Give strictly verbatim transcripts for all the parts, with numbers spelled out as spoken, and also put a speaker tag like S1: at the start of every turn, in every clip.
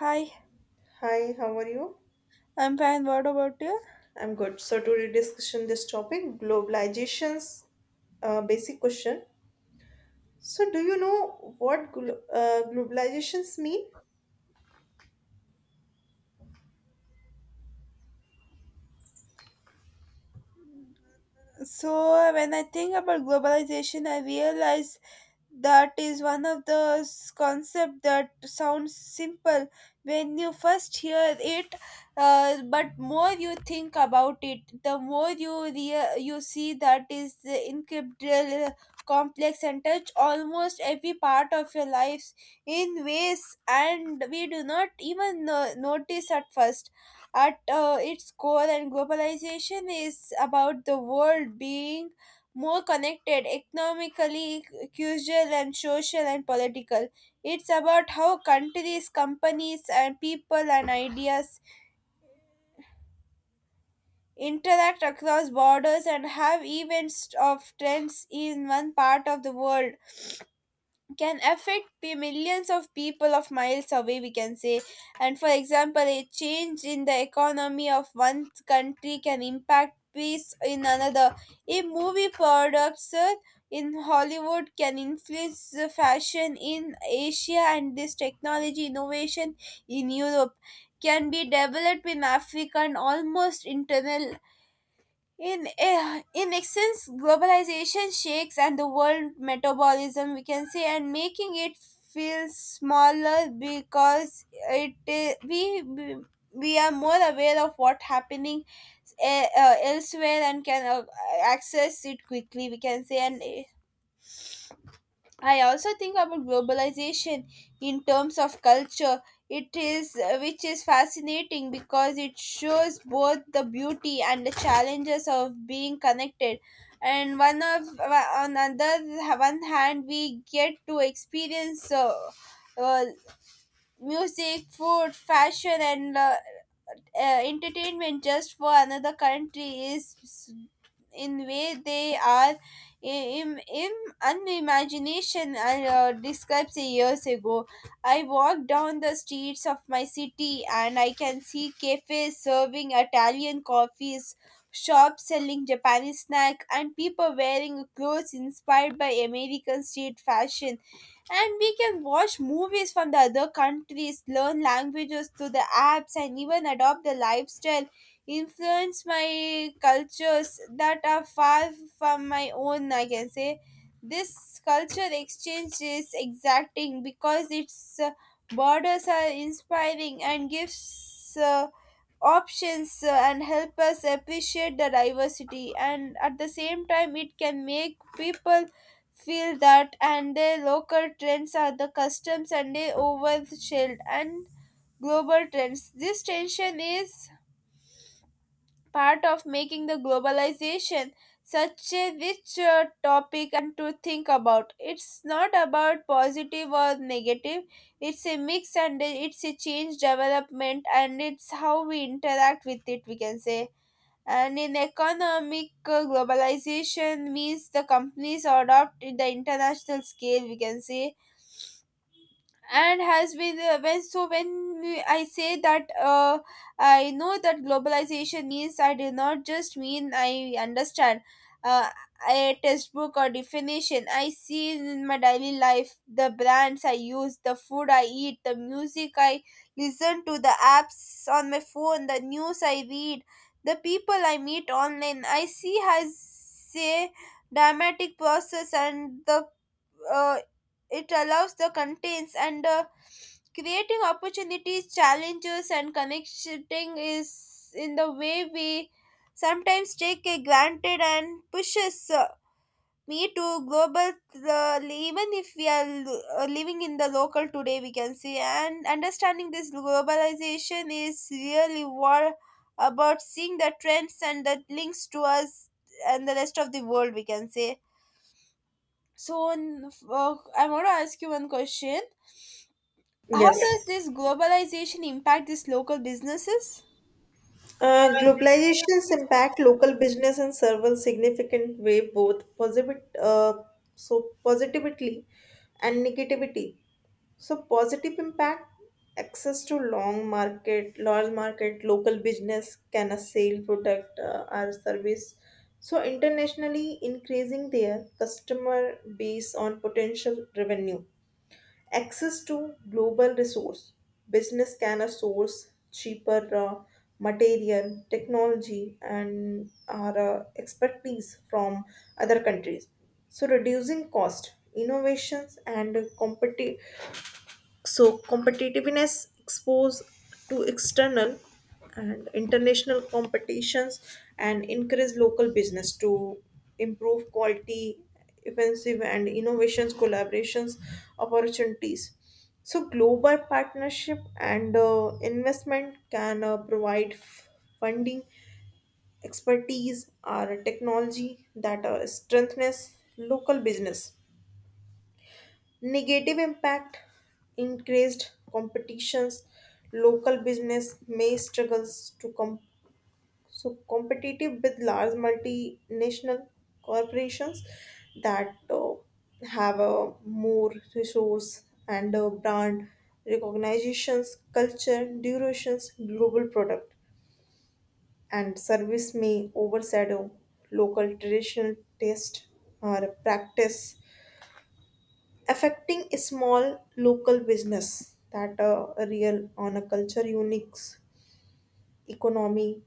S1: Hi,
S2: Hi, how are you?
S1: I'm fine. What about you?
S2: I'm good. So today discussion this topic globalization's uh, basic question. So do you know what glo- uh, globalizations mean?
S1: So, when I think about globalization, I realize that is one of those concept that sounds simple when you first hear it, uh, but more you think about it the more you rea- you see that is the incredible uh, complex and touch almost every part of your lives in ways and we do not even no- notice at first at uh, its core and globalization is about the world being more connected economically, cultural and social and political. It's about how countries, companies, and people and ideas interact across borders and have events of trends in one part of the world can affect the millions of people of miles away we can say, and for example a change in the economy of one country can impact peace in another, a movie products uh, in hollywood can influence the fashion in asia, and this technology innovation in europe can be developed in africa and almost internal in eh, in essence, globalization shakes and the world metabolism we can say, and making it feel smaller because it eh, we we we are more aware of what happening, eh, uh, elsewhere and can uh, access it quickly. We can say, and eh, I also think about globalization in terms of culture. It is, which is fascinating because it shows both the beauty and the challenges of being connected. And one of on other one hand, we get to experience uh, uh, music, food, fashion, and uh, uh, entertainment just for another country is in way they are in, in unimagination I uh, described years ago. I walk down the streets of my city and I can see cafes serving Italian coffees, shops selling Japanese snack, and people wearing clothes inspired by American street fashion. And we can watch movies from the other countries, learn languages through the apps, and even adopt the lifestyle influenced my cultures that are far from my own, I can say. This culture exchange is exacting because its uh, borders are inspiring and gives uh, options uh, and help us appreciate the diversity, and at the same time it can make people feel that and their local trends are the customs and they overshadowed and global trends. This tension is part of making the globalization such a rich uh, topic and to think about. It's not about positive or negative, it's a mix and it's a change development and it's how we interact with it, we can say. And in economic uh, globalization means the companies adopt in the international scale, we can say, and has been uh, when so when we- I say that, uh, I know that globalization means I do not just mean I understand uh, a textbook or definition I see in my daily life, the brands I use, the food I eat, the music I listen to, the apps on my phone, the news I read, the people I meet online. I see has say dramatic process and the uh, it allows the contents and uh, creating opportunities, challenges, and connecting is in the way we sometimes take it granted and pushes uh, me to global, uh, even if we are lo- uh, living in the local today, we can see, and understanding this globalization is really what about seeing the trends and the links to us and the rest of the world, we can say. So, n- f- uh, I want to ask you one question. How yeah.
S2: Yes.
S1: Does this globalization impact these local businesses?
S2: Uh, globalization's impact local business and service significant way both positive uh, so positively and negativity. So positive impact access to long market, large market, local business can a sale product uh, or service. So internationally increasing their customer base on potential revenue. Access to global resource. Business can uh, source cheaper uh, material, technology, and our uh, expertise from other countries. So reducing cost, innovations, and competitive so competitiveness exposed to external and international competitions and encourage local business to improve quality, offensive and innovations, collaborations, opportunities. So global partnership and uh, investment can uh, provide f- funding, expertise, or technology that uh, strengthens local business. Negative impact increased competitions, local business may struggles to com- so competitive with large multinational corporations that uh, have a more resource and uh, brand recognitions, culture, durations, global product and service may overshadow local traditional taste or practice affecting a small local business that uh, a real on a culture unique economy.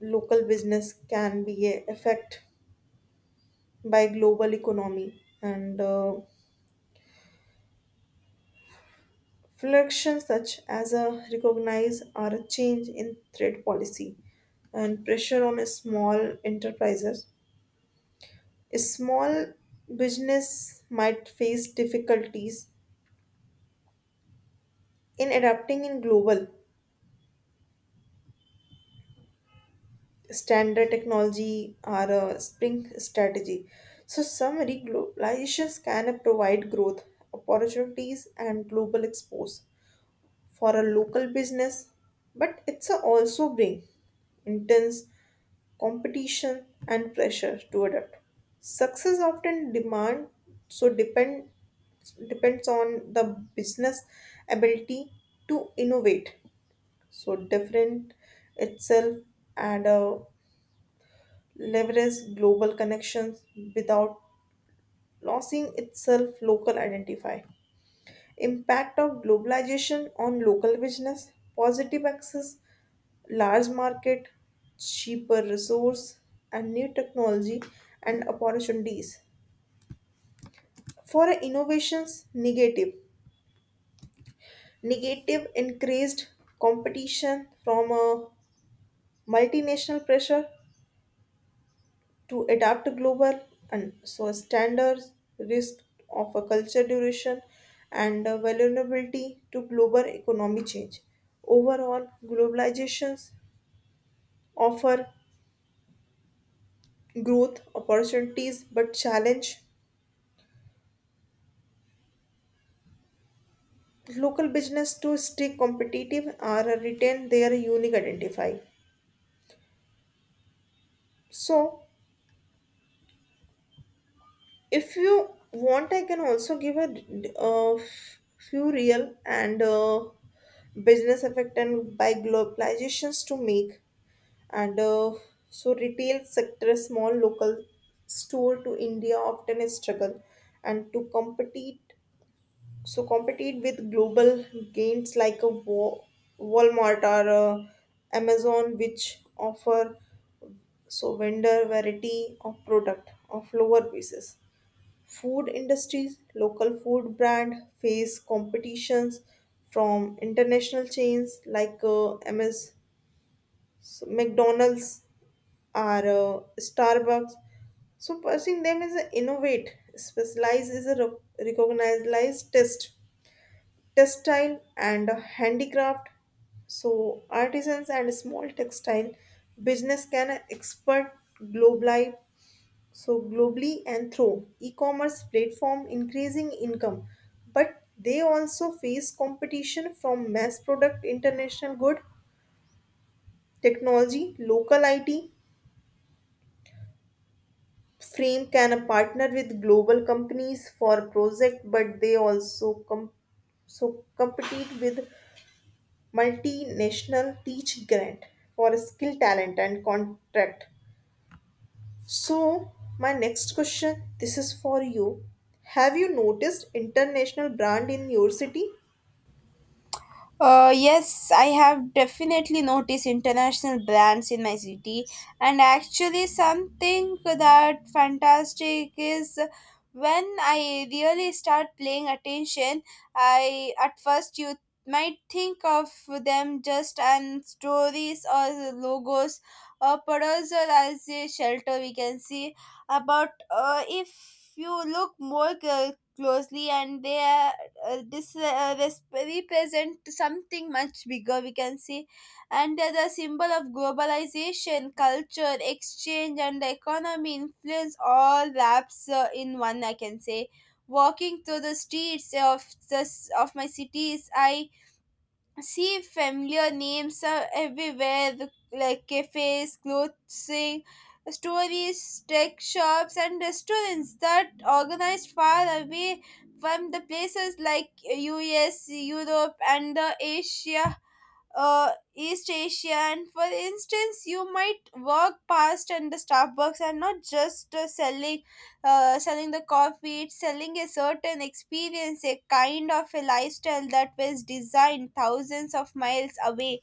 S2: Local business can be a affect by global economy and uh, fluctuations such as a recognize or a change in trade policy and pressure on a small enterprises. A small business might face difficulties in adapting in global standard technology or a spring strategy. So summary globalizations can provide growth opportunities and global expose for a local business, but it's a also bring intense competition and pressure to adapt. Success often demand so depend depends on the business ability to innovate so different itself and uh, leverage global connections without losing itself local identify. Impact of globalization on local business positive access large market, cheaper resource and new technology and opportunities for innovations. Negative negative increased competition from a multinational, pressure to adapt to global and so standards, risk of a culture duration and a vulnerability to global economic change. Overall globalizations offer growth opportunities but challenge local business to stay competitive or retain their unique identify. So if you want, I can also give a, uh, few real and uh, business effect and by globalizations to make and uh, so retail sector small local store to India often is struggle and to compete so compete with global gains like a Wa- Walmart or uh, Amazon which offer so vendor variety of product of lower prices. Food industries local food brand face competitions from international chains like uh, ms McDonald's or uh, Starbucks. So pursuing them is a innovate. Specialize is a re- recognized test, textile and handicraft. So artisans and small textile business can export globally. So globally and through e-commerce platform increasing income, but they also face competition from mass product international good technology. Local I T frame can partner with global companies for project but they also com- so compete with multinational teach grant for skill talent and contract. So my next question, this is for you. Have you noticed international brand in your city?
S1: Uh, yes, I have definitely noticed international brands in my city, and actually, something that fantastic is when I really start paying attention. I at first you might think of them just and stories or logos or producer as a shelter, we can see about. Uh, if you look more cl- closely and they, uh, this uh, res- represent something much bigger, we can see, and they're the symbol of globalization, culture exchange, and the economy influence all wraps uh, in one, I can say. Walking through the streets of the of my cities I see familiar names are everywhere, the- like cafes, clothing stories, tech shops, and restaurants that organized far away from the places like us, europe, and the asia, uh, East Asia. And for instance, you might walk past and the Starbucks are not just uh, selling, uh, selling the coffee. It's selling a certain experience, a kind of a lifestyle that was designed thousands of miles away,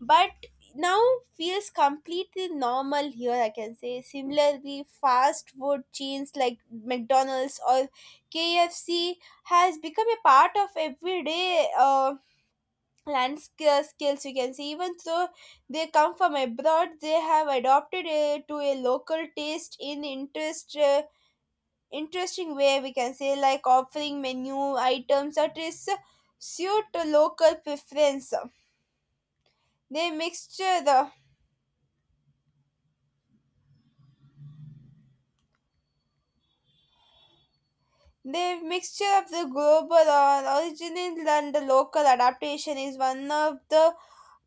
S1: but now feels completely normal here. I can say similarly, fast food chains like McDonald's or K F C has become a part of everyday. Uh, land skill- skills you can see, even though they come from abroad they have adopted a, to a local taste in interest, uh, interesting way, we can say, like offering menu items that is suit to local preference. They mixture the the mixture of the global or original and the local adaptation is one of the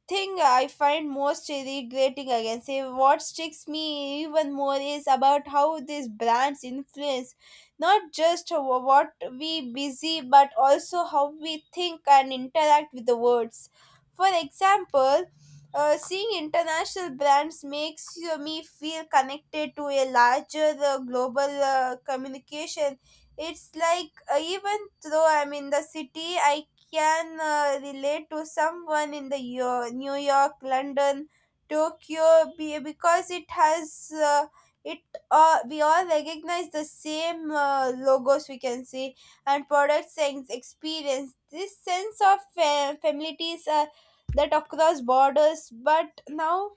S1: thing I find most regretting, I can say. What sticks me even more is about how these brands influence not just wh- what we busy but also how we think and interact with the words. For example, uh, seeing international brands makes you- me feel connected to a larger uh, global uh, communication. It's like, uh, even though I'm in the city, I can uh, relate to someone in the Yo- New York, London, Tokyo, be- because it has uh, it. Uh, we all recognize the same uh, logos, we can see, and products and experience. This sense of fa- familiarity is uh, that across borders, but now.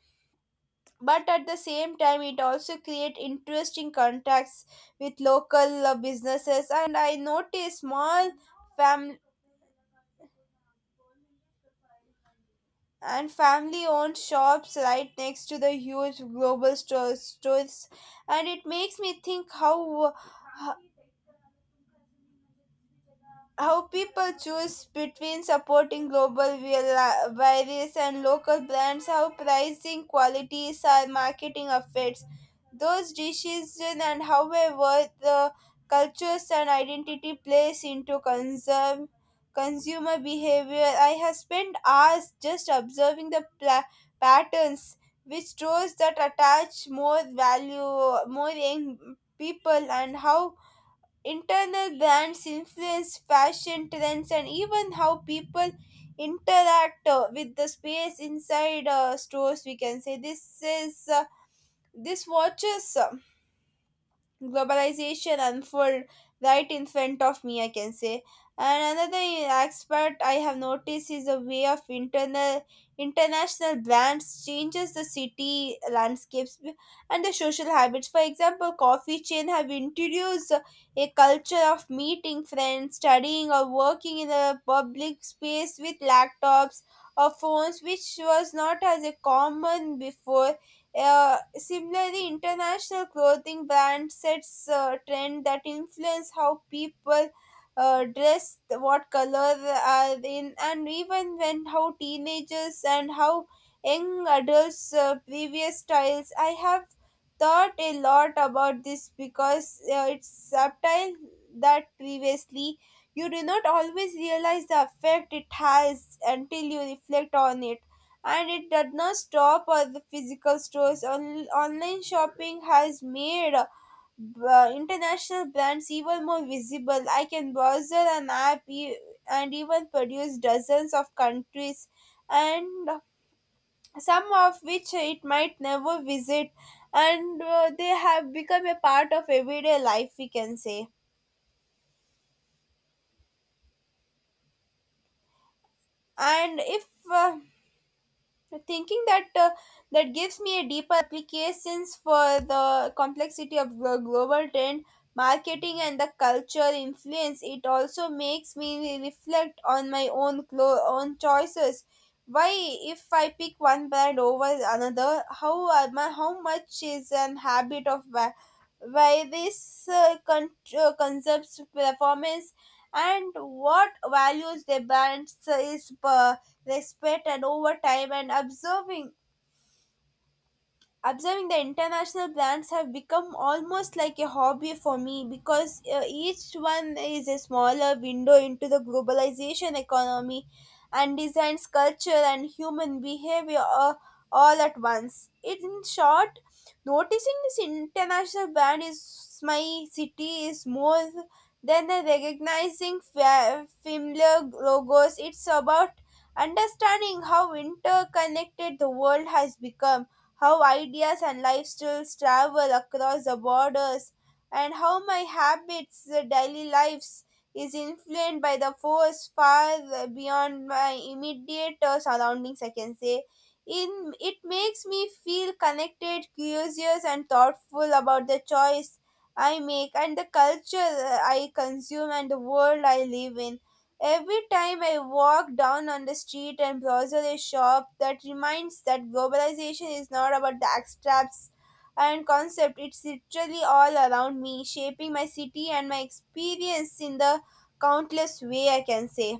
S1: But at the same time, it also create interesting contacts with local uh, businesses. And I notice small family and family owned shops right next to the huge global stores, stores and it makes me think how how people choose between supporting global vari- various and local brands, how pricing, qualities, or marketing affects those decisions, and however the cultures and identity plays into conserve consumer behavior. I have spent hours just observing the pla- patterns which shows that attach more value, more young people, and how Internal brands influence fashion trends and even how people interact uh, with the space inside uh, stores. We can say this is uh, this watches. Uh, globalization unfold right in front of me, I can say. And another aspect I have noticed is the way of internal international brands changes the city landscapes and the social habits. For example, coffee chain have introduced a culture of meeting friends, studying, or working in a public space with laptops or phones, which was not as a common before. Uh, similarly, international clothing brand sets uh, trend that influence how people uh, dress, what color are in, and even when how teenagers and how young adults uh, previous styles. I have thought a lot about this, because uh, it's subtle that previously you do not always realize the effect it has until you reflect on it, and it does not stop at the physical stores. On- online shopping has made, uh, b- uh, international brands even more visible. I can browse an app e- and even produce dozens of countries, and some of which it might never visit, and uh, they have become a part of everyday life, we can say. And if, uh, thinking that uh, that gives me a deeper applications for the complexity of the global trend marketing and the culture influence. It also makes me reflect on my own clo- own choices, why if I pick one brand over another, how am I- how much is an habit of why, why this uh, con- uh, concepts performance and what values the brands is per respect. And over time and observing observing the international plants have become almost like a hobby for me, because uh, each one is a smaller window into the globalization economy and designs culture and human behavior, uh, all at once. In short, noticing this international brand is my city is more than the recognizing fa- familiar logos. It's about understanding how interconnected the world has become, how ideas and lifestyles travel across the borders, and how my habits, the daily lives, is influenced by the force far uh, beyond my immediate uh, surroundings, I can say. In, it makes me feel connected, curious, and thoughtful about the choice I make and the culture uh, I consume and the world I live in. Every time I walk down on the street and browse a shop that reminds that globalization is not about the abstracts and concept, it's literally all around me, shaping my city and my experience in the countless way, I can say.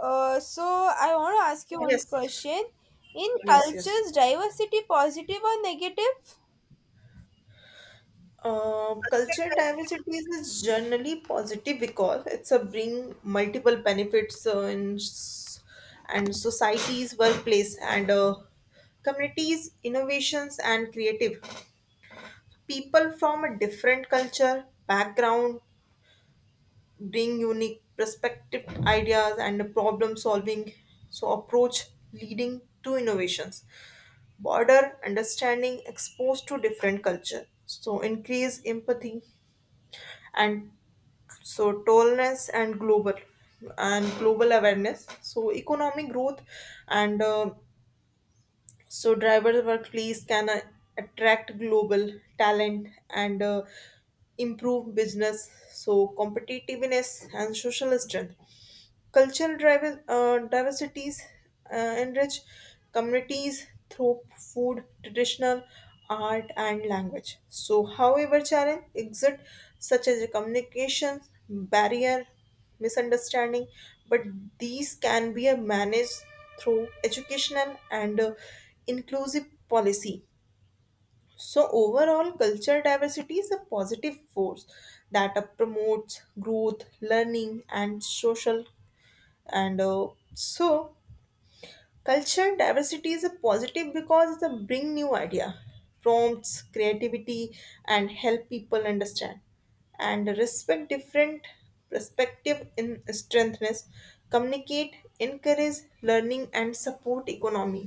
S1: Uh, so I want to ask you one
S2: Yes.
S1: question. In
S2: Yes. Yes.
S1: cultures, diversity positive or negative?
S2: Um, culture diversity is generally positive because it's a bring multiple benefits uh, in s- and societies, workplace, and uh, communities, innovations, and creative. People from a different culture background bring unique perspective, ideas, and problem solving so approach leading to innovations, border understanding exposed to different culture so increase empathy and so tallness and global and global awareness so economic growth and uh, so driver workplace can uh, attract global talent and uh, improve business so competitiveness and social strength. Cultural diver- uh, diversities uh, enrich communities through food, traditional art, and language. So however, challenge exist such as communication barrier, misunderstanding, but these can be uh, managed through educational and uh, inclusive policy. So overall, cultural diversity is a positive force that uh, promotes growth, learning, and social and uh, so culture diversity is a positive because they bring new idea, prompts creativity and help people understand and respect different perspective in strengthness, communicate, encourage learning and support economy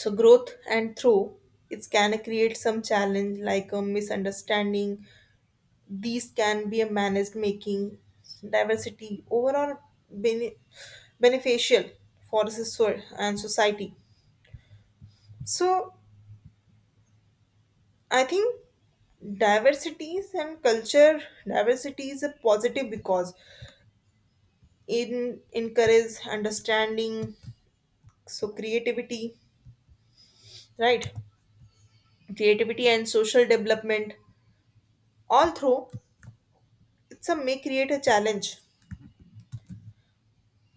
S2: so growth. And through it can create some challenge like a misunderstanding. These can be managed, making diversity overall bene- beneficial for the so- and society. So I think diversities and culture diversity is a positive because it encourages understanding, so creativity, right? Creativity and social development. All through it's a may create a challenge,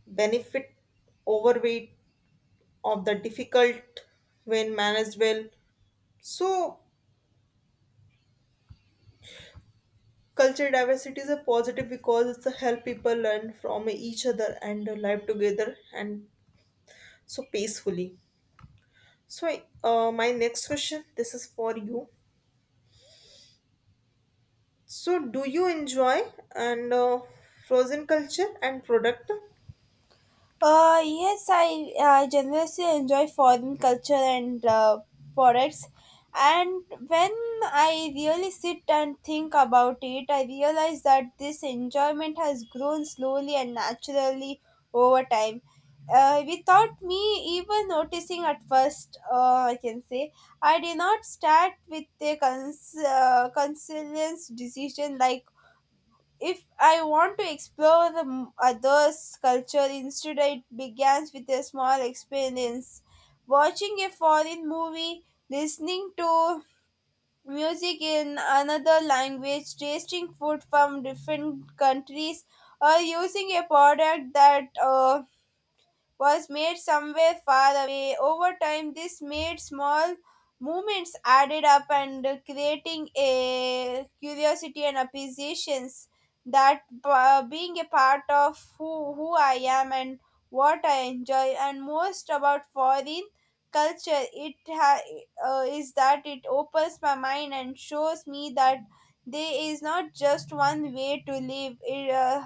S2: benefit overweight of the difficult when managed well. So culture diversity is a positive because it's a help people learn from each other and live together and so peacefully. So, uh, my next question, this is for you. So do you enjoy and uh, frozen culture and product?
S1: Uh, yes, I uh, generously enjoy foreign culture and uh, products. And when I really sit and think about it, I realize that this enjoyment has grown slowly and naturally over time. Uh, without me even noticing at first, uh, I can say, I did not start with a cons- uh, conscious decision like if I want to explore the m- other's culture, instead it begins with a small experience. Watching a foreign movie, listening to music in another language, tasting food from different countries, or using a product that uh, was made somewhere far away. Over time, this made small movements added up and creating a curiosity and appreciations that uh, being a part of who, who I am and what I enjoy and most about foreign culture it ha- uh, is that it opens my mind and shows me that there is not just one way to live it, uh,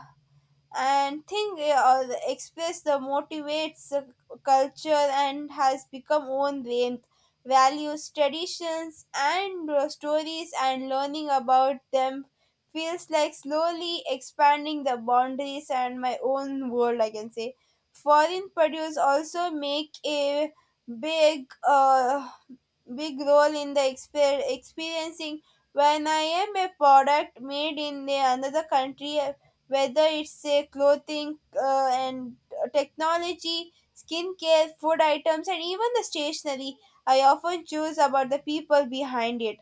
S1: and thing uh, express the motivates uh, culture and has become own range values traditions and uh, stories and learning about them feels like slowly expanding the boundaries and my own world, I can say. Foreign produce also make a big uh, big role in the exper- experiencing when I am a product made in the another country, whether it's a clothing uh, and technology, skincare, food items, and even the stationery. I often choose about the people behind it.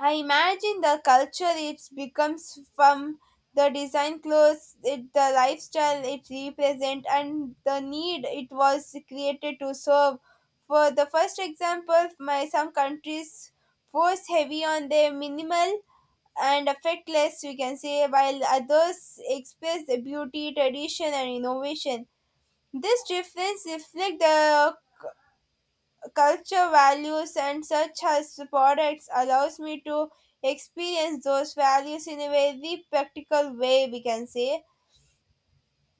S1: I imagine the culture it becomes from the design clothes, it, the lifestyle it represents, and the need it was created to serve. For the first example, my some countries force heavy on their minimal and affectless, we can say, while others express the beauty, tradition, and innovation. This difference reflects the culture values and such as products allows me to experience those values in a very practical way, we can say.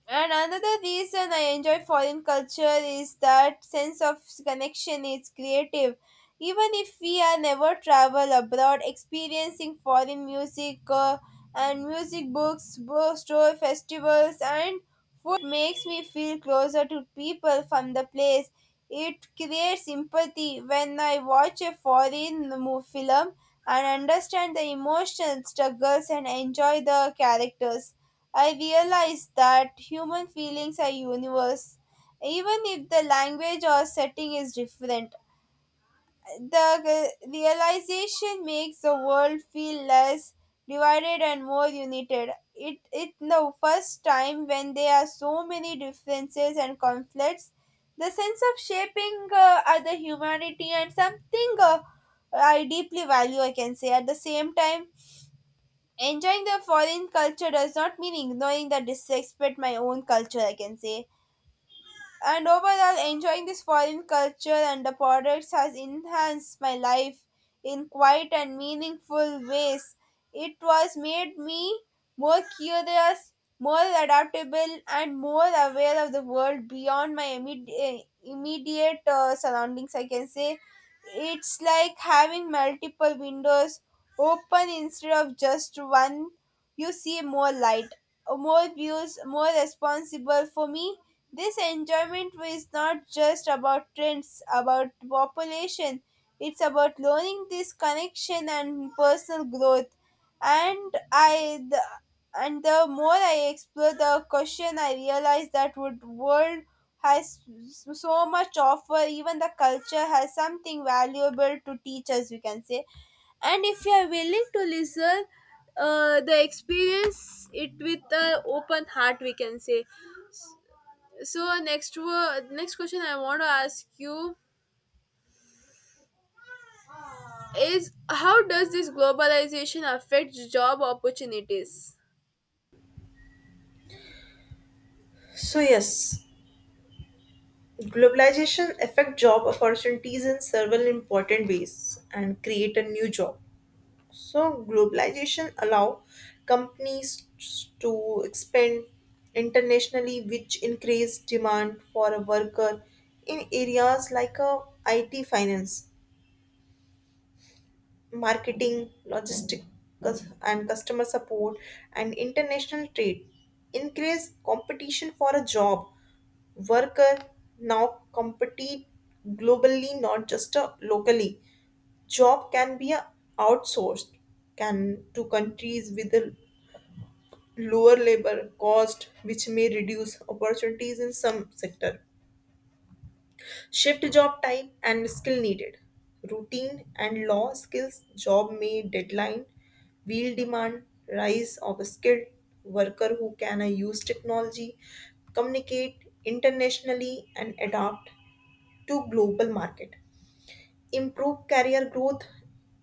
S1: And another reason I enjoy foreign culture is that sense of connection is creative. Even if we are never travel abroad, experiencing foreign music uh, and music books, bookstore festivals, and food makes me feel closer to people from the place. It creates empathy when I watch a foreign mo- film and understand the emotional struggles and enjoy the characters. I realized that human feelings are universe. Even if the language or setting is different, the uh, realization makes the world feel less divided and more united. It it the first time when there are so many differences and conflicts, the sense of shaping uh, other humanity and something uh, I deeply value. I can say at the same time enjoying the foreign culture does not mean ignoring the disrespect my own culture, I can say. And overall, enjoying this foreign culture and the products has enhanced my life in quiet and meaningful ways. It was made me more curious, more adaptable, and more aware of the world beyond my immediate, immediate uh, surroundings. I can say it's like having multiple windows open instead of just one. You see more light, more views, more responsible for me this enjoyment is not just about trends, about population. It's about learning this connection and personal growth. And I, the, and the more I explore the question, I realize that would world has so much offer. Even the culture has something valuable to teach us, we can say. And if you are willing to listen uh, the experience it with an open heart, we can say. So next wo- next question I want to ask you is how does this globalization affect job opportunities?
S2: So yes, globalization affect job opportunities in several important ways and create a new job. So globalization allow companies to expand internationally, which increase demand for a worker in areas like uh, I T, finance, marketing, logistics, and customer support, and international trade. Increase competition for a job. Worker now compete globally, not just uh, locally. Job can be uh, outsourced can to countries with a lower labor cost which may reduce opportunities in some sector. Shift job type and skill needed. Routine and law skills job may deadline wheel demand rise of a skilled worker who can uh, use technology, communicate internationally and adapt to global market, improve career growth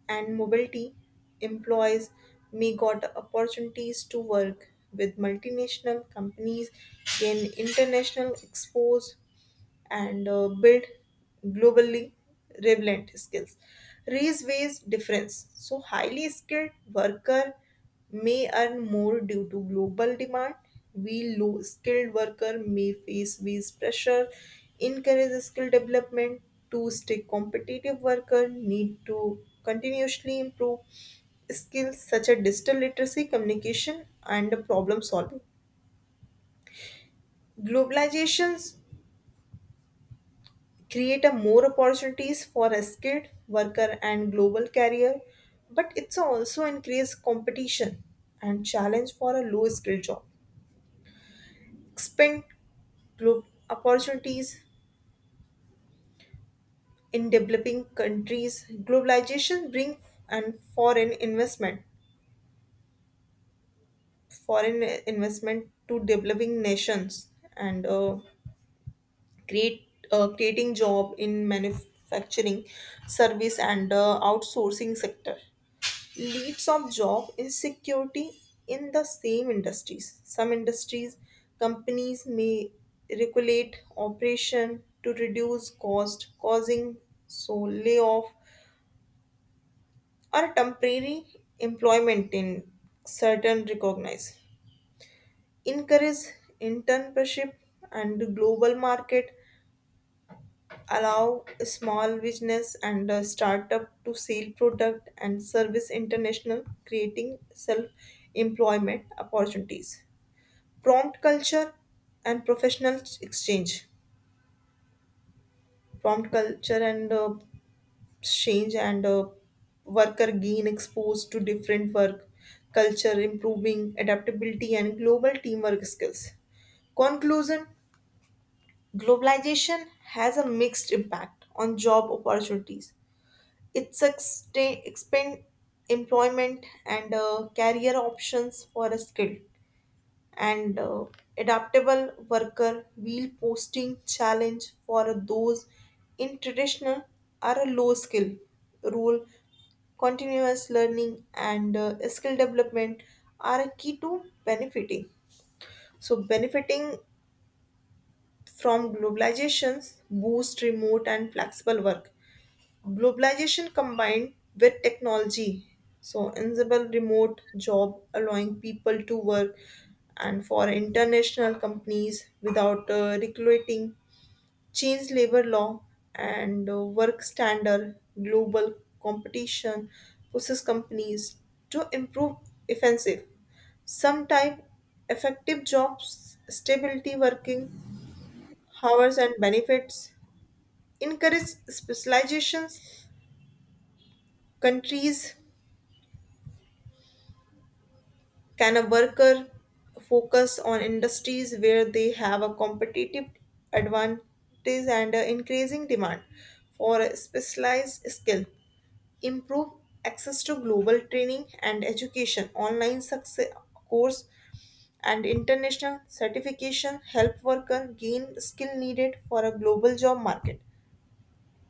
S2: and mobility. Employees may got opportunities to work with multinational companies, gain international expose and uh, build globally relevant skills. Race based difference. So highly skilled worker may earn more due to global demand. We low skilled worker may face wage pressure. Encourage skill development to stay competitive. Worker need to continuously improve skills such as digital literacy, communication, and problem solving. Globalizations create a more opportunities for a skilled worker and global career, but it's also increase competition and challenge for a low skilled job. Expand globe opportunities in developing countries. Globalization bring and foreign investment, foreign investment to developing nations and uh, create uh, creating job in manufacturing, service and uh, outsourcing sector. Leaps of job insecurity in the same industries. Some industries, companies may regulate operation to reduce cost, causing so layoff or temporary employment in certain recognized. Encourage internship and global market allow small business and a startup to sell product and service international creating self-employment opportunities, prompt culture and professional exchange, prompt culture and uh, exchange and uh, worker gain exposed to different work culture, improving adaptability and global teamwork skills. Conclusion. Globalization has a mixed impact on job opportunities. It sustain, expand employment and uh, career options for a skilled and uh, adaptable worker will posting challenge for those in traditional or a low skill role. Continuous learning and uh, skill development are a key to benefiting so benefiting from globalizations. Boost remote and flexible work. Globalization combined with technology, so enable remote job allowing people to work and for international companies without uh, recruiting, change labor law and uh, work standard. Global competition pushes companies to improve offensive. Some type effective jobs, stability working hours and benefits, encourage specializations, countries can a worker focus on industries where they have a competitive advantage and an increasing demand for a specialized skill? Improve access to global training and education, online success course, and international certification help worker gain skill needed for a global job market.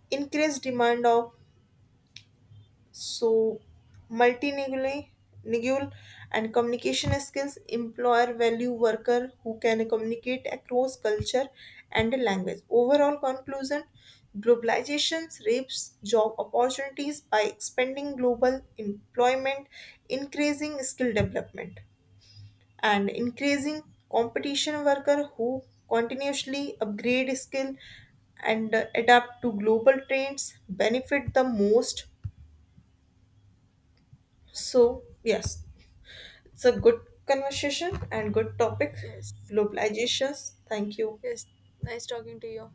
S2: Increase demand of so multilingual and communication skills employer value worker who can communicate across culture and language. Overall conclusion, globalization shapes job opportunities by expanding global employment, increasing skill development, and increasing competition. Worker who continuously upgrade skill and uh, adapt to global trends benefit the most. So yes, it's a good conversation and good topic.
S1: Yes.
S2: Globalizations. Thank you.
S1: Yes. Nice talking to you.